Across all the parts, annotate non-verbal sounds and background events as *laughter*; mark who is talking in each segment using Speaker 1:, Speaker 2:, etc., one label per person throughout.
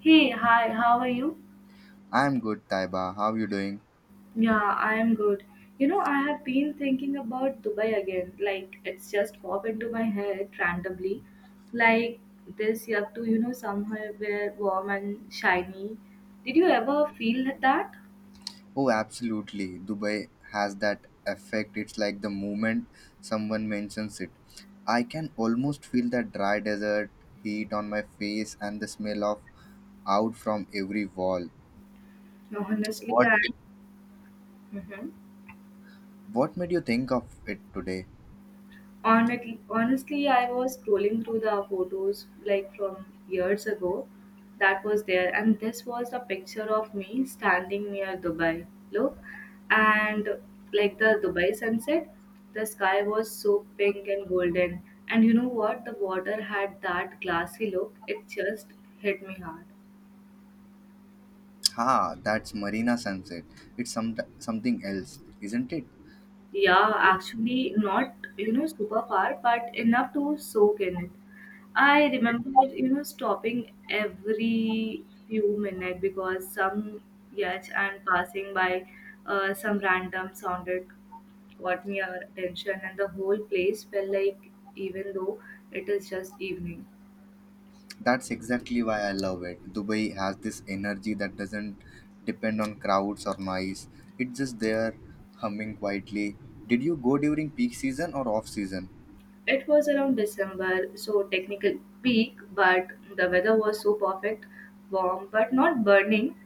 Speaker 1: Hey, hi, how are you?
Speaker 2: I'm good, Taiba. How you doing?
Speaker 1: Yeah, I am good. You know, I have been thinking about Dubai again. Like, it's just pop into my head randomly. Like, this, you have to, you know, somewhere where warm and shiny. Did you ever feel that?
Speaker 2: Oh, absolutely. Dubai has that effect. It's like the moment someone mentions it, I can almost feel that dry desert heat on my face and the smell of out from every wall.
Speaker 1: Honestly,
Speaker 2: What
Speaker 1: I. Mhm.
Speaker 2: what made you think of it today?
Speaker 1: Honestly, I was scrolling through the photos like from years ago that was there, and this was a picture of me standing near Dubai. Look, and like the Dubai sunset, the sky was so pink and golden. And you know what? The water had that glassy look, it just hit me hard.
Speaker 2: Ha, that's Marina Sunset. It's something else, isn't it?
Speaker 1: Yeah, actually, not, you know, super far, but enough to soak in it. I remember, you know, stopping every few minutes because some yacht and passing by some random sounded caught my attention, and the whole place felt like, even though it is just evening.
Speaker 2: That's exactly why I love it. Dubai has this energy that doesn't depend on crowds or noise. It's just there humming quietly. Did you go during peak season or off season?
Speaker 1: It was around December, so technical peak, but the weather was so perfect, warm, but not burning.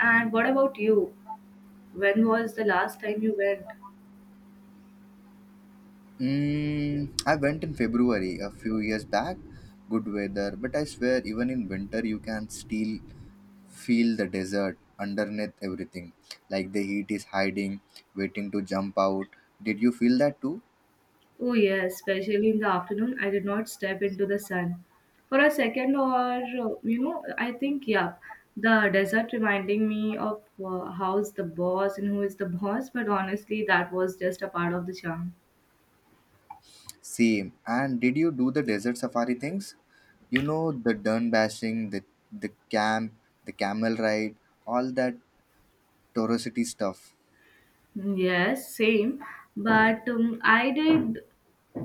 Speaker 1: And what about you? When was the last time you went?
Speaker 2: Mm, I went in February a few years back. Good weather, but I swear even in winter you can still feel the desert underneath everything. Like the heat is hiding, waiting to jump out. Did you feel that too?
Speaker 1: Oh, yes, especially in the afternoon, I did not step into the sun. For a second, or you know, I think, yeah, the desert reminding me of how's the boss and who is the boss, but honestly, that was just a part of the charm.
Speaker 2: Same. And did you do the desert safari things? You know, the dun bashing, the camp, the camel ride, all that torosity stuff.
Speaker 1: Yes, same. But I did,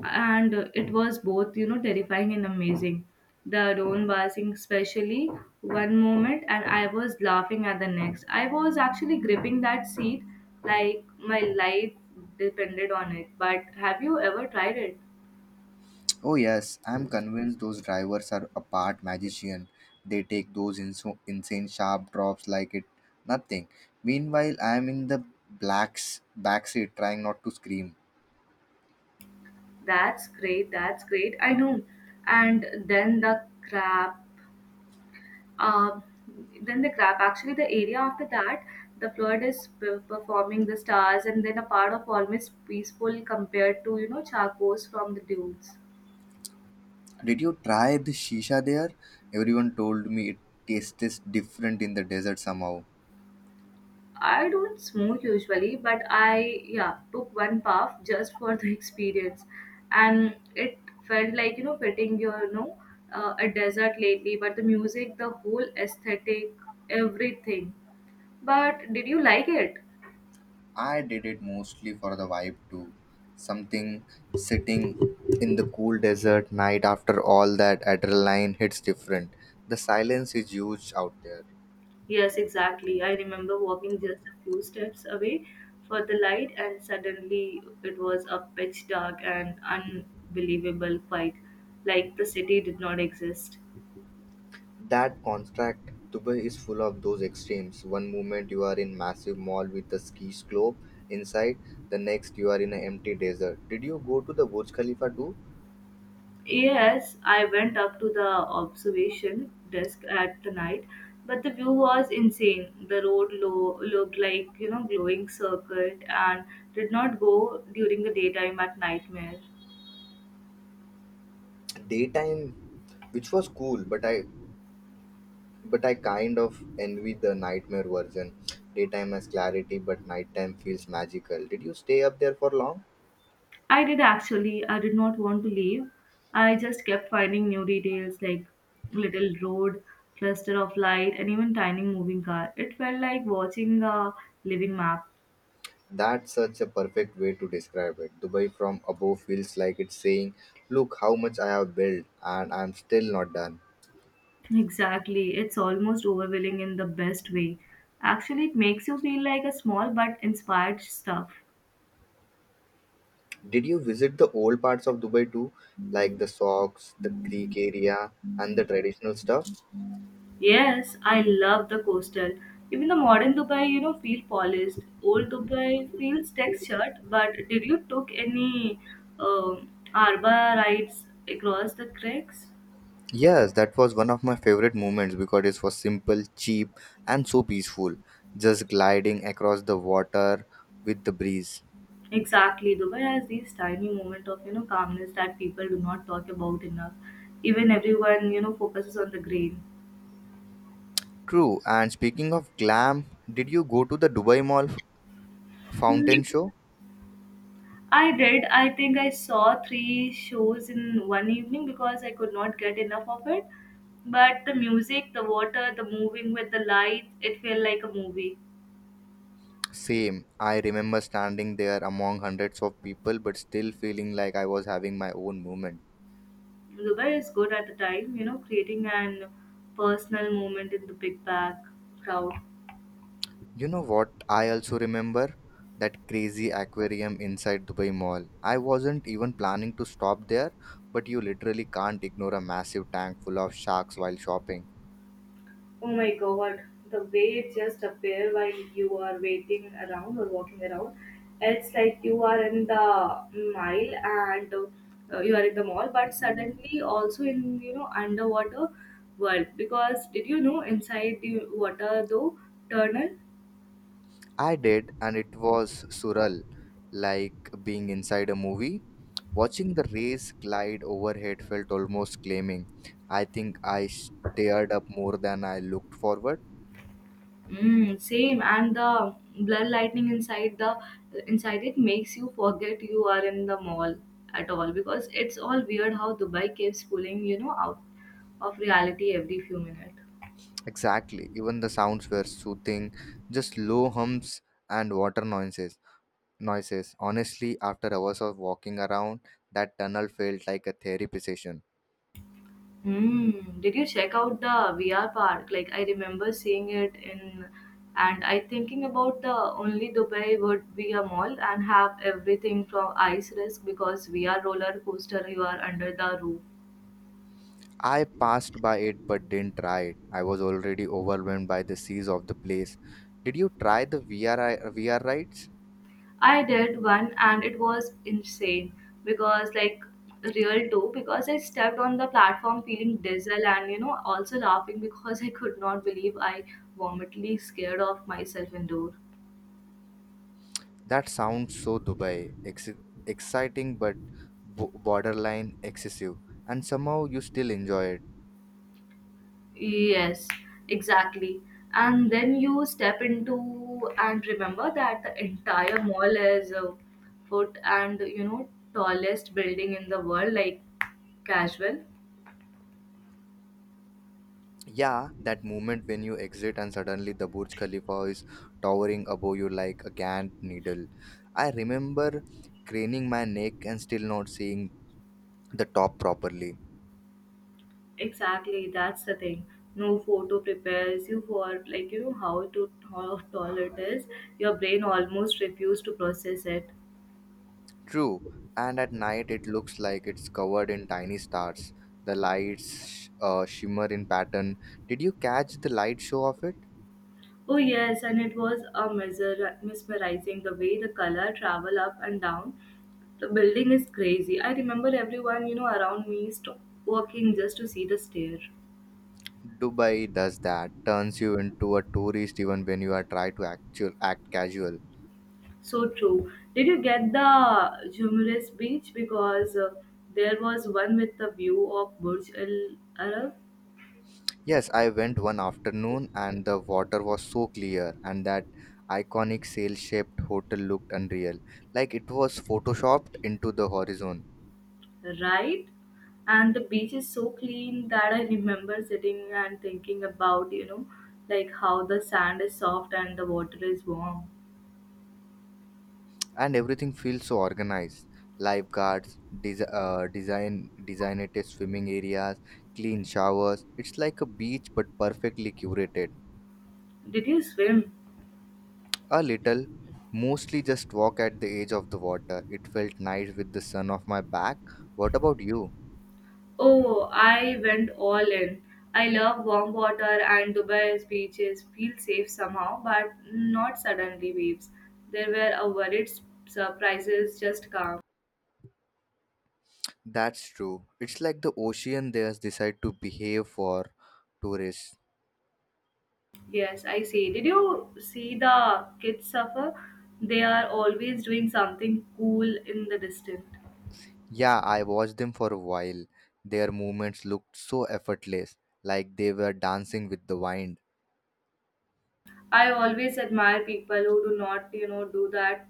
Speaker 1: and it was both, you know, terrifying and amazing. The drone passing, especially one moment, and I was laughing at the next. I was actually gripping that seat like my life depended on it. But have you ever tried it?
Speaker 2: Oh, yes, I'm convinced those drivers are a part magician. They take those insane sharp drops like it nothing. Meanwhile I'm in the blacks backseat trying not to scream.
Speaker 1: That's great, that's great. I know. And Um, then the crab, actually, the area after that, the flood is performing the stars, and then a part of almost peaceful compared to you know charcos from the dunes.
Speaker 2: Did you try the shisha there? Everyone told me it tastes different in the desert somehow.
Speaker 1: I don't smoke usually, but I yeah took one puff just for the *laughs* experience, and it felt like you know fitting your you know a desert lately. But the music, the whole aesthetic, everything. But did you like it?
Speaker 2: I did it mostly for the vibe too. Something sitting in the cool desert night after all that adrenaline hits different. The silence is huge out there.
Speaker 1: Yes, exactly. I remember walking just a few steps away for the light, and suddenly it was a pitch dark and unbelievable quiet, like the city did not exist.
Speaker 2: That contract, Dubai is full of those extremes. One moment you are in massive mall with a ski slope inside, the next you are in an empty desert. Did you go to the Burj Khalifa too?
Speaker 1: Yes, I went up to the observation desk at the night, but the view was insane. The road low, looked like you know glowing circuit and did not go during the daytime at nightmare.
Speaker 2: Daytime, which was cool, but I kind of envy the nightmare version. Daytime has clarity, but nighttime feels magical. Did you stay up there for long?
Speaker 1: I did actually. I did not want to leave. I just kept finding new details like little road, cluster of light, and even tiny moving car. It felt like watching a living map.
Speaker 2: That's such a perfect way to describe it. Dubai from above feels like it's saying, "Look how much I have built, and I'm still not done."
Speaker 1: Exactly. It's almost overwhelming in the best way. Actually, it makes you feel like a small but inspired stuff.
Speaker 2: Did you visit the old parts of Dubai too, like the socks, the creek area, and the traditional stuff?
Speaker 1: Yes, I love the coastal. Even the modern Dubai, you know, feel polished. Old Dubai feels textured. But did you took any um arbor rides across the cracks?
Speaker 2: Yes, that was one of my favorite moments because it was simple, cheap, and so peaceful, just gliding across the water with the breeze.
Speaker 1: Exactly, Dubai has these tiny moment of you know calmness that people do not talk about enough. Even everyone you know focuses on the grain.
Speaker 2: True, and speaking of glam, did you go to the Dubai Mall fountain show?
Speaker 1: I did. I think I saw three shows in one evening because I could not get enough of it. But the music, the water, the moving with the lights, it felt like a movie.
Speaker 2: Same, I remember standing there among hundreds of people but still feeling like I was having my own moment.
Speaker 1: Dubai is good at the time, you know, creating an personal moment in the big bag crowd.
Speaker 2: You know what? I also remember that crazy aquarium inside Dubai Mall. I wasn't even planning to stop there, but you literally can't ignore a massive tank full of sharks while shopping.
Speaker 1: Oh my god, the way it just appear while you are waiting around or walking around. It's like you are in the mile and you are in the mall, but suddenly also in you know underwater world. Because did you know inside the water though tunnel
Speaker 2: I did, and it was surreal, like being inside a movie. Watching the rays glide overhead felt almost claiming. I think I stared up more than I looked forward.
Speaker 1: Mm, same, and the blood lightning inside the inside it makes you forget you are in the mall at all because it's all weird how Dubai keeps pulling you know out of reality every few minutes.
Speaker 2: Exactly, even the sounds were soothing, just low hums and water noises. Honestly, after hours of walking around, that tunnel felt like a therapy session.
Speaker 1: Mm, did you check out the VR park? Like I remember seeing it in, and I thinking about the only Dubai would be a mall and have everything from ice risk because VR roller coaster you are under the roof
Speaker 2: I passed by it but didn't try it. I was already overwhelmed by the seas of the place. Did you try the VR rides?
Speaker 1: I did one and it was insane because like real too because I stepped on the platform feeling dizzy and you know also laughing because I could not believe I vomitly scared of myself indoor.
Speaker 2: That sounds so Dubai. Exciting but borderline excessive. And somehow you still enjoy it.
Speaker 1: Yes, exactly. And then you step into and remember that the entire mall is a foot and you know tallest building in the world like casual.
Speaker 2: Yeah, that moment when you exit and suddenly the Burj Khalifa is towering above you like a giant needle. I remember craning my neck and still not seeing the top properly.
Speaker 1: Exactly, that's the thing. No photo prepares you for like you know how to how tall it is. Your brain almost refused to process it.
Speaker 2: True, and at night it looks like it's covered in tiny stars. The lights shimmer in pattern. Did you catch the light show of it?
Speaker 1: Oh yes, and it was a mesmerizing the way the color travel up and down. The building is crazy. I remember everyone you know around me walking just to see the stair.
Speaker 2: Dubai does that, turns you into a tourist even when you are try to act casual.
Speaker 1: So true. Did you get the Jumeirah beach because there was one with the view of Burj Al Arab?
Speaker 2: Yes, I went one afternoon and the water was so clear and that iconic sail-shaped hotel looked unreal. Like it was photoshopped into the horizon
Speaker 1: Right? And the beach is so clean that I remember sitting and thinking about, you know, like how the sand is soft and the water is warm.
Speaker 2: and everything feels so organized. Lifeguards, designated swimming areas, clean showers. It's like a beach but perfectly curated.
Speaker 1: Did you swim?
Speaker 2: A little, mostly just walk at the edge of the water. It felt nice with the sun off my back. What about you?
Speaker 1: Oh, I went all in. I love warm water and Dubai's beaches feel safe somehow, but not suddenly waves. There were a worried surprises, just calm.
Speaker 2: That's true. It's like the ocean there decide to behave for tourists.
Speaker 1: Yes, I see. Did you see the kids suffer? They are always doing something cool in the distance.
Speaker 2: Yeah, I watched them for a while. Their movements looked so effortless, like they were dancing with the wind.
Speaker 1: I always admire people who do not, you know, do that.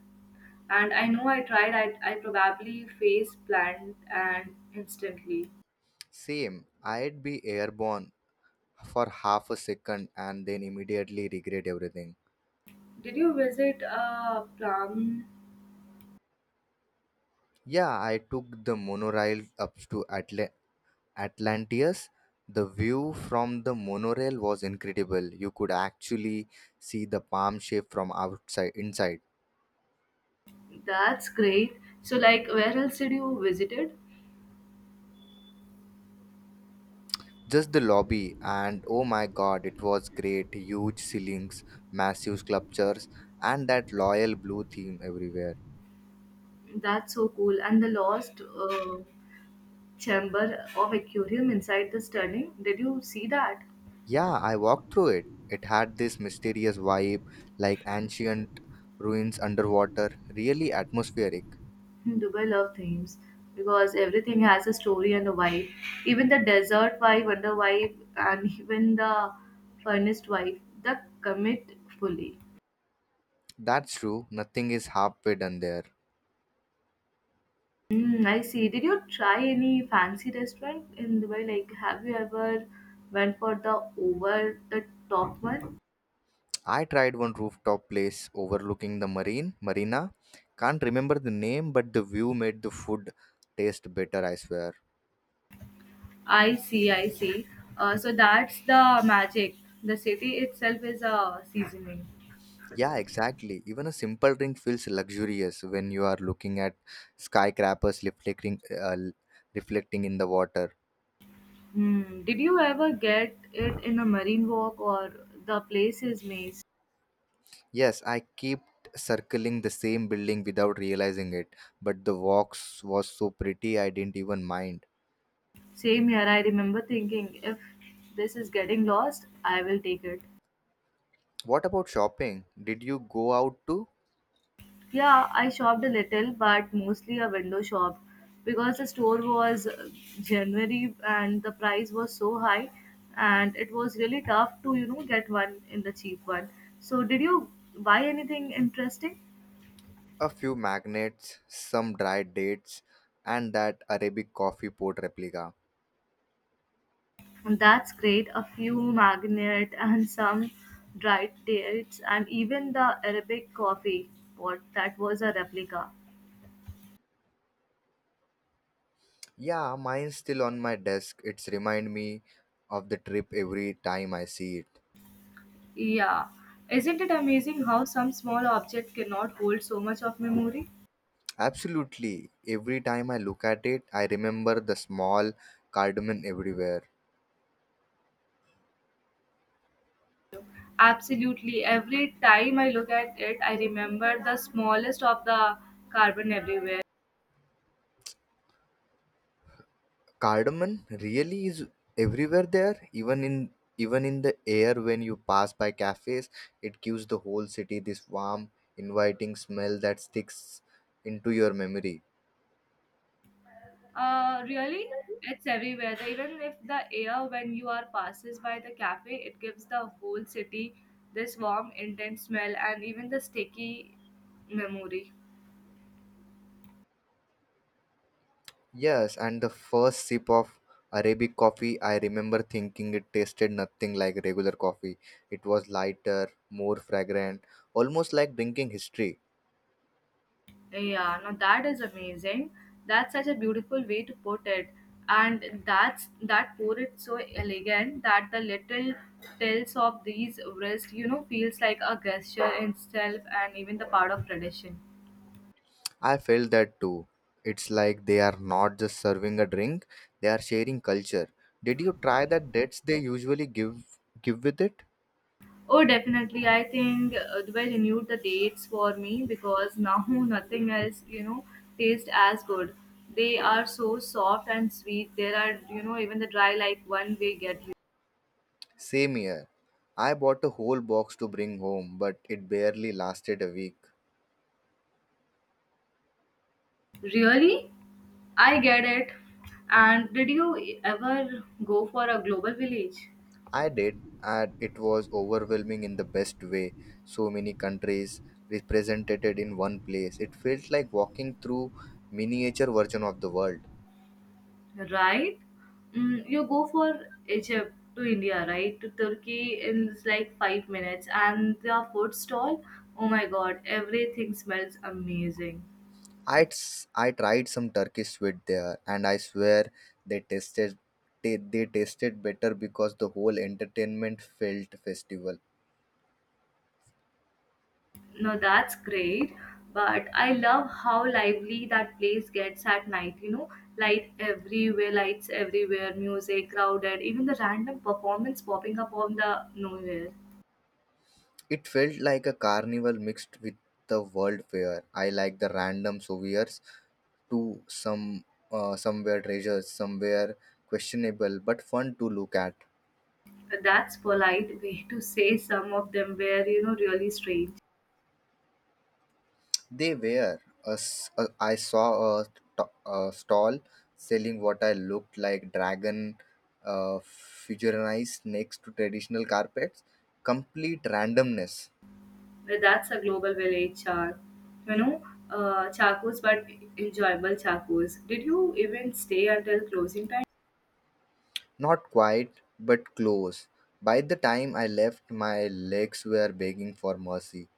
Speaker 1: And I know I tried, I probably face plant and instantly.
Speaker 2: Same, I'd be airborne for half a second and then immediately regret everything.
Speaker 1: Did you visit plum?
Speaker 2: Yeah, I took the monorail up to Atlantis. The view from the monorail was incredible. You could actually see the palm shape from outside inside.
Speaker 1: That's great. So, like, where else did you visited?
Speaker 2: Just the lobby, and oh my god, it was great. Huge ceilings, massive sculptures, and that loyal blue theme everywhere.
Speaker 1: That's so cool. And the lost chamber of aquarium inside the stunning. Did you see that?
Speaker 2: Yeah, I walked through it. It had this mysterious vibe, like ancient ruins underwater, really atmospheric.
Speaker 1: Dubai love themes because everything has a story and a vibe. Even the desert vibe, under vibe, and even the furnished vibe, the commit fully.
Speaker 2: That's true, nothing is halfway done there.
Speaker 1: Mm, I see. Did you try any fancy restaurant in Dubai? Like, have you ever went for the over the top one?
Speaker 2: I tried one rooftop place overlooking the marina. Can't remember the name, but the view made the food taste better, I swear.
Speaker 1: I see. I see. So that's the magic. The city itself is a seasoning.
Speaker 2: Yeah, exactly. Even a simple drink feels luxurious when you are looking at skyscrapers reflecting in the water.
Speaker 1: Hmm. Did you ever get it in a marine walk or the place is maze?
Speaker 2: Yes, I kept circling the same building without realizing it, but the walks was so pretty I didn't even mind.
Speaker 1: Same here, I remember thinking if this is getting lost, I will take it.
Speaker 2: What about shopping? Did you go out to
Speaker 1: Yeah, I shopped a little, but mostly a window shop because the store was January and the price was so high, and it was really tough to you know get one in the cheap one. So, did you buy anything interesting?
Speaker 2: a few magnets, some dried dates, and that Arabic coffee pot replica?
Speaker 1: That's great. A few magnet and some dried dates, and even the Arabic coffee pot that was a replica.
Speaker 2: Yeah, mine's still on my desk. It's remind me of the trip every time I see it.
Speaker 1: Yeah. Isn't it amazing how some small object cannot hold so much of memory?
Speaker 2: Absolutely. Every time I look at it, I remember the small cardamom everywhere.
Speaker 1: Absolutely. Every time I look at it, I remember the smallest of the carbon everywhere.
Speaker 2: Cardamom really is everywhere there, even in the air when you pass by cafes, it gives the whole city this warm, inviting smell that sticks into your memory.
Speaker 1: Really? It's everywhere. Even if the air when you are passes by the cafe, it gives the whole city this warm, intense smell and even the sticky memory.
Speaker 2: Yes, and the first sip of Arabic coffee, I remember thinking it tasted nothing like regular coffee. It was lighter, more fragrant, almost like drinking history.
Speaker 1: Yeah, now that is amazing. That's such a beautiful way to put it. And that's that pour it so elegant that the little tales of these wrist, you know, feels like a gesture in itself and even the part of tradition.
Speaker 2: I felt that too. It's like they are not just serving a drink, they are sharing culture. Did you try the dates they usually give with it?
Speaker 1: Oh, definitely. I think they renewed the dates for me because now *laughs* nothing else, you know, tastes as good. They are so soft and sweet. There are, you know, even the dry like one way get you.
Speaker 2: Same here. I bought a whole box to bring home, but it barely lasted a week.
Speaker 1: Really? I get it. And did you ever go for a global village?
Speaker 2: I did, and it was overwhelming in the best way. So many countries represented in one place. It felt like walking through miniature version of the world.
Speaker 1: Right? Mm, you go for Egypt to India, right? To Turkey in just like 5 minutes. And the food stall, oh my god, everything smells amazing.
Speaker 2: I tried some Turkish sweet there, and I swear they tasted they tasted better because the whole entertainment felt festival.
Speaker 1: No, that's great. But I love how lively that place gets at night, you know? Light everywhere, lights everywhere, music, crowded, even the random performance popping up on the nowhere.
Speaker 2: It felt like a carnival mixed with the world fair. I like the random souvenirs to somewhere treasures, somewhere questionable but fun to look at.
Speaker 1: But that's polite way to say some of them were you know really strange
Speaker 2: They were. I saw a stall selling what I looked like dragon uh, fusionized next to traditional carpets. Complete randomness.
Speaker 1: but that's a global village char you know chacos but enjoyable chacos did you even stay until closing time
Speaker 2: Not quite, but close. By the time I left, my legs were begging for mercy.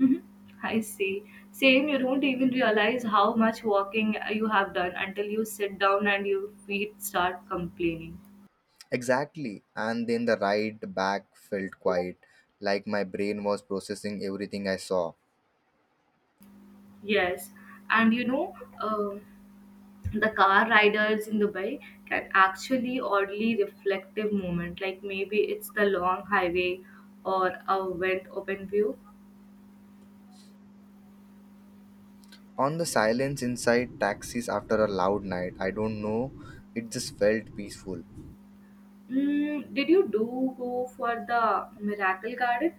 Speaker 1: Mhm. *laughs* I see. Same, you don't even realize how much walking you have done until you sit down and your feet start complaining.
Speaker 2: Exactly. And then the ride back felt quiet, like my brain was processing everything I saw.
Speaker 1: Yes, and you know, um the car riders in Dubai can actually oddly reflective moment. Like maybe it's the long highway or a went open view.
Speaker 2: On the silence inside taxis after a loud night, I don't know, it just felt peaceful.
Speaker 1: Mm, did you do go for the Miracle Garden?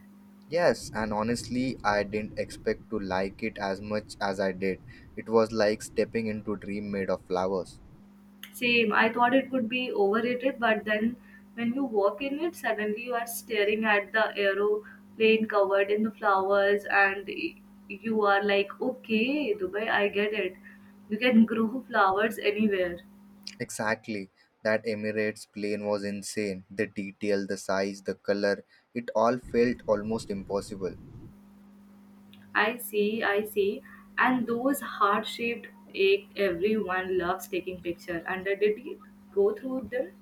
Speaker 2: Yes, and honestly, I didn't expect to like it as much as I did. It was like stepping into a dream made of flowers.
Speaker 1: Same. I thought it would be overrated, but then when you walk in it, suddenly you are staring at the aeroplane covered in the flowers, and you are like, okay, Dubai, I get it. You can grow flowers anywhere.
Speaker 2: Exactly. That Emirates plane was insane. The detail, the size, the color, it all felt almost impossible.
Speaker 1: I see, I see. And those heart shaped egg everyone loves taking picture. And I did you go through them?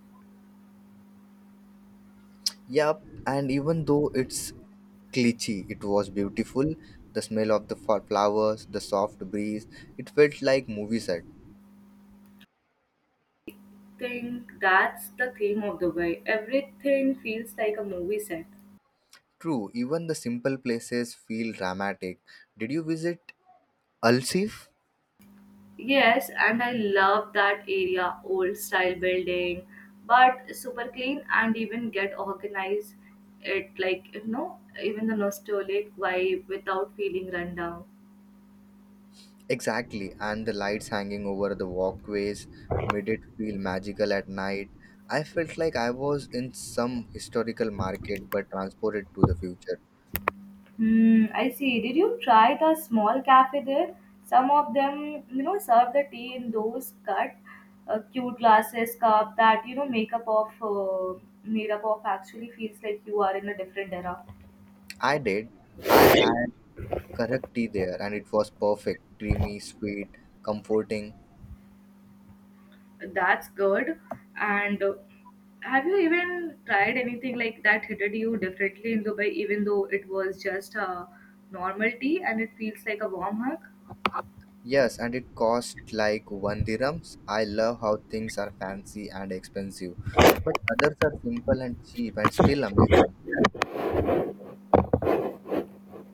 Speaker 2: Yup, and even though it's glitchy. It was beautiful. The smell of the flowers, the soft breeze, it felt like movie set.
Speaker 1: Think that's the theme of the way. Everything feels like a movie set.
Speaker 2: True, even the simple places feel dramatic. Did you visit Alsif?
Speaker 1: Yes, and I love that area, old style building, but super clean and even get organized it like even the nostalgic vibe without feeling run down.
Speaker 2: Exactly, and the lights hanging over the walkways made it feel magical at night. I felt like I was in some historical market but transported to the future.
Speaker 1: Hmm, I see. Did you try the small cafe there? Some of them, serve the tea in those cut, cute glasses cup that makeup of made up of actually feels like you are in a different era.
Speaker 2: I did. I had correct tea there and it was perfect, creamy, sweet, comforting.
Speaker 1: That's good. And have you even tried anything like that hitted you differently in Dubai, even though it was just a normal tea and it feels like a warm hug?
Speaker 2: Yes, and it cost like one dirhams. I love how things are fancy and expensive, but others are simple and cheap and still amazing.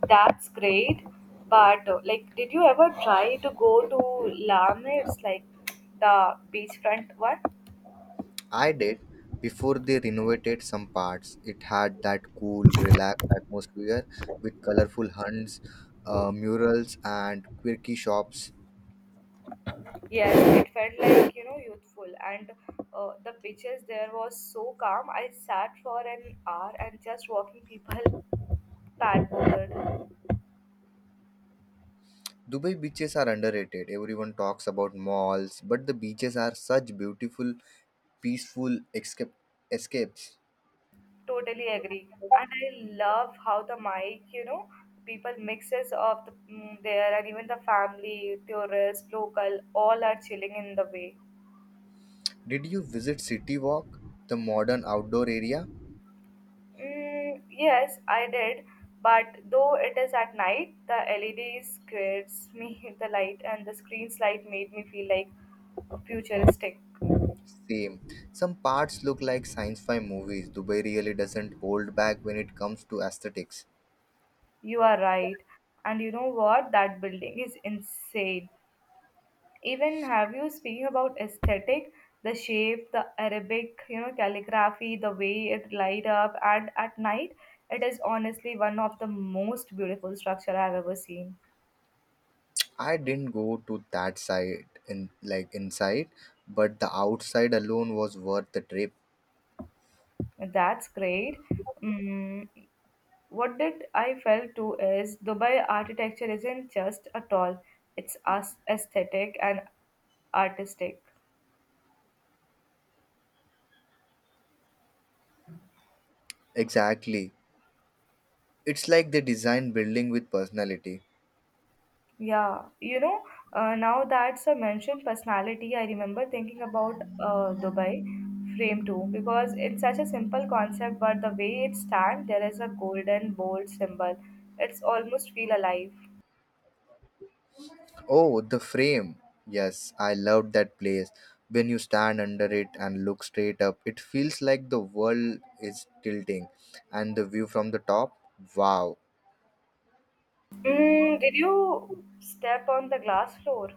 Speaker 1: That's great. But like, did you ever try to go to Lamne's, like the beachfront one?
Speaker 2: I did before they renovated some parts. It had that cool, relaxed atmosphere with colorful murals, and quirky shops.
Speaker 1: Yes, it felt like youthful, and the beaches there was so calm. I sat for an hour and just walking people paddleboard.
Speaker 2: Dubai beaches are underrated. Everyone talks about malls, but the beaches are such beautiful, peaceful escapes.
Speaker 1: Totally agree, and I love how the mic, people mixes of the, there, and even the family, tourists, local, all are chilling in the way.
Speaker 2: Did you visit City Walk, the modern outdoor area?
Speaker 1: Mm, yes, I did. But though it is at night, the LEDs gives me *laughs* the light, and the screen's light made me feel like futuristic.
Speaker 2: Same. Some parts look like sci-fi movies. Dubai really doesn't hold back when it comes to aesthetics.
Speaker 1: You are right. And you know what? That building is insane. Even have you speaking about aesthetic, the shape, the Arabic, calligraphy, the way it light up, and at night, it is honestly one of the most beautiful structure I've ever seen.
Speaker 2: I didn't go to that side in like inside, but the outside alone was worth the trip.
Speaker 1: That's great. Mm, What did I felt too is Dubai architecture isn't just at all; it's as aesthetic and artistic.
Speaker 2: Exactly. It's like they design building with personality.
Speaker 1: Yeah, now that's a mentioned personality. I remember thinking about Dubai frame too because it's such a simple concept, but the way it stands, there is a golden bold symbol. It's almost feel alive.
Speaker 2: Oh, the frame. Yes, I loved that place. When you stand under it and look straight up, it feels like the world is tilting. And the view from the top, wow.
Speaker 1: Mm, did you step on the glass floor?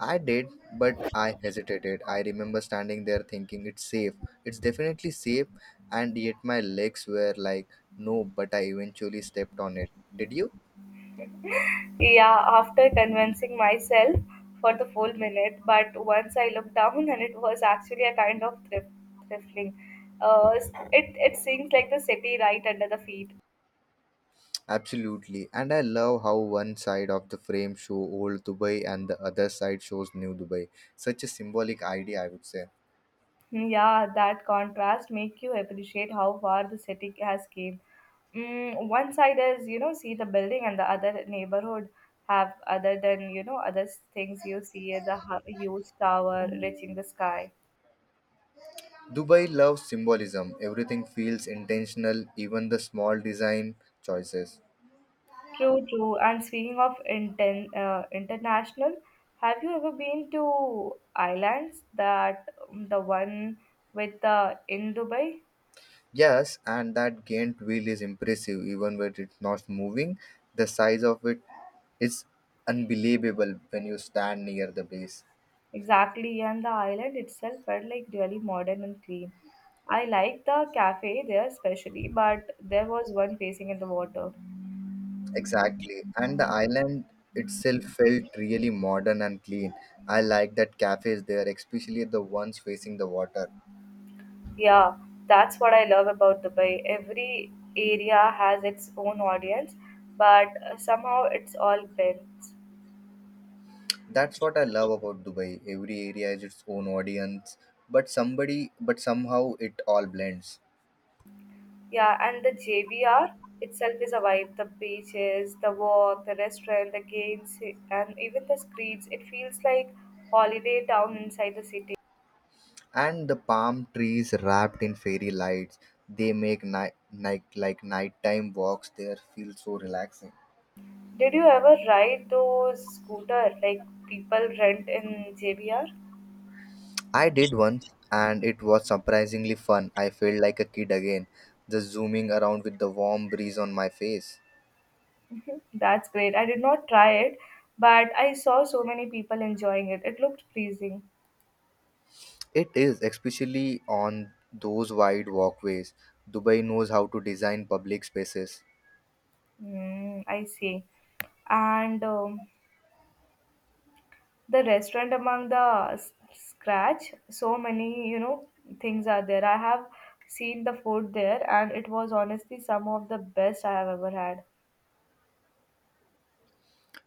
Speaker 2: I did, but I hesitated. I remember standing there thinking it's safe. It's definitely safe, and yet my legs were like, no, but I eventually stepped on it. Did you?
Speaker 1: Yeah, after convincing myself for the full minute, but once I looked down *laughs* and it was actually a kind of thrifting. Uh, it seems like the city right under the feet.
Speaker 2: Absolutely. And I love how one side of the frame show old Dubai and the other side shows new Dubai. Such a symbolic idea, I would say.
Speaker 1: Hmm, yeah, that contrast make you appreciate how far the city has came. One side is, see the building and the other neighborhood have other than, other things you see the huge tower reaching the sky.
Speaker 2: Dubai loves symbolism. Everything feels intentional, even the small design choices.
Speaker 1: True, true. And speaking of inten international, have you ever been to islands that the one with the in Dubai?
Speaker 2: Yes, and that Ghent wheel is impressive, even when it's not moving. The size of it is unbelievable when you stand near the base.
Speaker 1: Exactly, and the island itself felt like really modern and clean. I like the cafe there especially, but there was one facing in the water.
Speaker 2: Exactly. And the island itself felt really modern and clean. I like that cafes there, especially the ones facing the water.
Speaker 1: Yeah, that's what I love about Dubai. Every area has its own audience, but somehow it's all bent.
Speaker 2: That's what I love about Dubai. Every area has its own audience, but somebody but somehow it all blends.
Speaker 1: Yeah, and the JBR itself is a vibe. The beaches, the walk, the restaurant, the games, and even the streets. It feels like holiday town inside the city.
Speaker 2: And the palm trees wrapped in fairy lights, they make nighttime walks there feel so relaxing.
Speaker 1: Did you ever ride those scooter like people rent in JBR?
Speaker 2: I did once, and it was surprisingly fun. I felt like a kid again, just zooming around with the warm breeze on my face.
Speaker 1: That's great. I did not try it, but I saw so many people enjoying it. It looked pleasing.
Speaker 2: It is, especially on those wide walkways. Dubai knows how to design public spaces.
Speaker 1: Mm, I see. And the restaurant among the scratch so many things are there. I have seen the food there, and it was honestly some of the best I have ever had.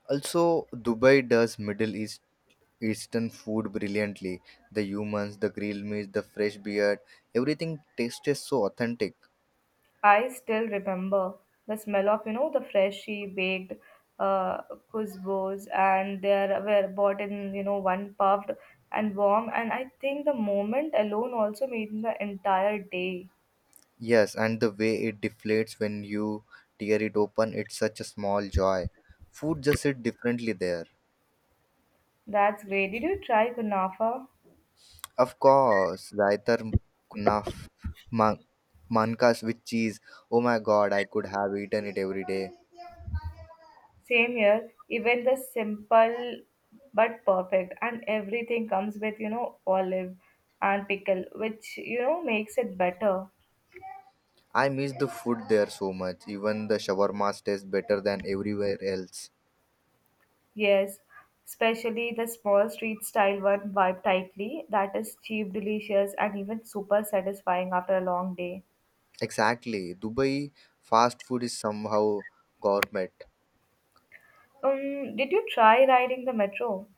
Speaker 2: Also, Dubai does Middle Eastern food brilliantly. The humans, the grilled meat, the fresh beer, everything tastes so authentic.
Speaker 1: I still remember the smell of the freshly baked uh kuzbos, and were bought in one puffed and warm, and I think the moment alone also made the entire day.
Speaker 2: Yes, and the way it deflates when you tear it open, it's such a small joy. Food just hit differently there.
Speaker 1: That's great. Did you try kunafa?
Speaker 2: Of course, Raitar Kunaf man- Mankas with cheese. Oh my god, I could have eaten it every day.
Speaker 1: Same here, even the simple but perfect, and everything comes with olive and pickle, which makes it better.
Speaker 2: I miss the food there so much. Even the shawarmas taste better than everywhere else.
Speaker 1: Yes, especially the small street style one vibe tightly that is cheap, delicious, and even super satisfying after a long day.
Speaker 2: Exactly. Dubai fast food is somehow gourmet.
Speaker 1: Did you try riding the metro?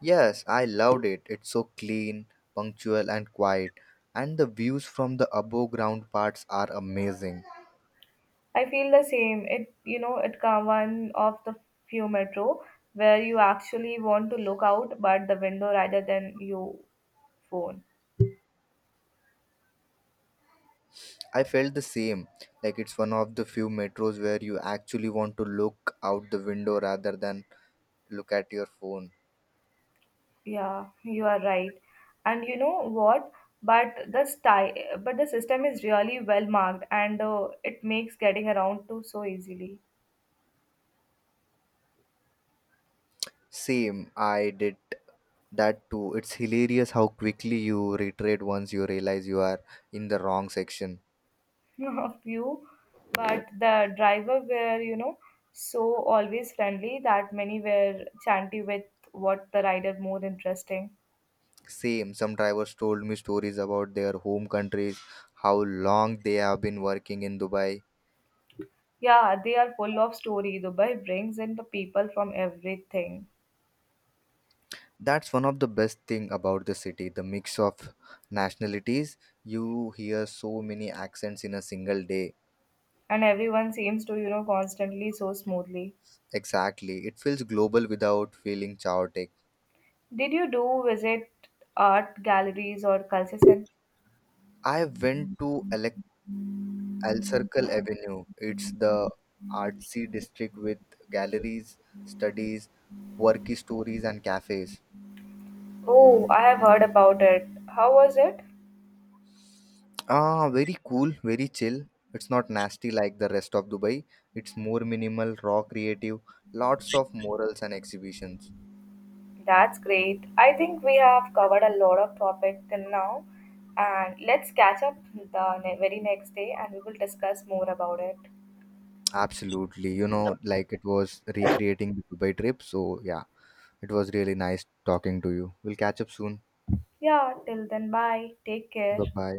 Speaker 2: Yes, I loved it. It's so clean, punctual, and quiet. And the views from the above ground parts are amazing.
Speaker 1: I feel the same. It it come one of the few metro where you actually want to look out but the window rather than your phone.
Speaker 2: I felt the same. Like it's one of the few metros where you actually want to look out the window rather than look at your phone.
Speaker 1: Yeah, you are right. And you know what? But the style, but the system is really well marked, and it makes getting around to so easily.
Speaker 2: Same, I did that too. It's hilarious how quickly you retreat once you realize you are in the wrong section.
Speaker 1: *laughs* A few, but the driver were so always friendly that many were chanty with what the rider more interesting.
Speaker 2: Same, some drivers told me stories about their home countries, how long they have been working in Dubai.
Speaker 1: Yeah, they are full of story. Dubai brings in the people from everything,
Speaker 2: That's one of the best thing about the city, the mix of nationalities. You hear so many accents in a single day.
Speaker 1: and everyone seems to constantly so smoothly.
Speaker 2: Exactly. It feels global without feeling chaotic.
Speaker 1: Did you do visit art galleries or culture centers?
Speaker 2: I went to El Circle Avenue. It's the artsy district with galleries, studies, quirky stories and cafes.
Speaker 1: Oh, I have heard about it. How was it?
Speaker 2: Ah, very cool, very chill. It's not nasty like the rest of Dubai. It's more minimal, raw, creative, lots of morals and exhibitions.
Speaker 1: That's great. I think we have covered a lot of topic till now, and let's catch up the very next day and we will discuss more about it.
Speaker 2: Absolutely. Like it was recreating the Dubai trip. So, yeah, it was really nice talking to you. We'll catch up soon.
Speaker 1: Yeah, till then, bye. Take care.
Speaker 2: Bye bye.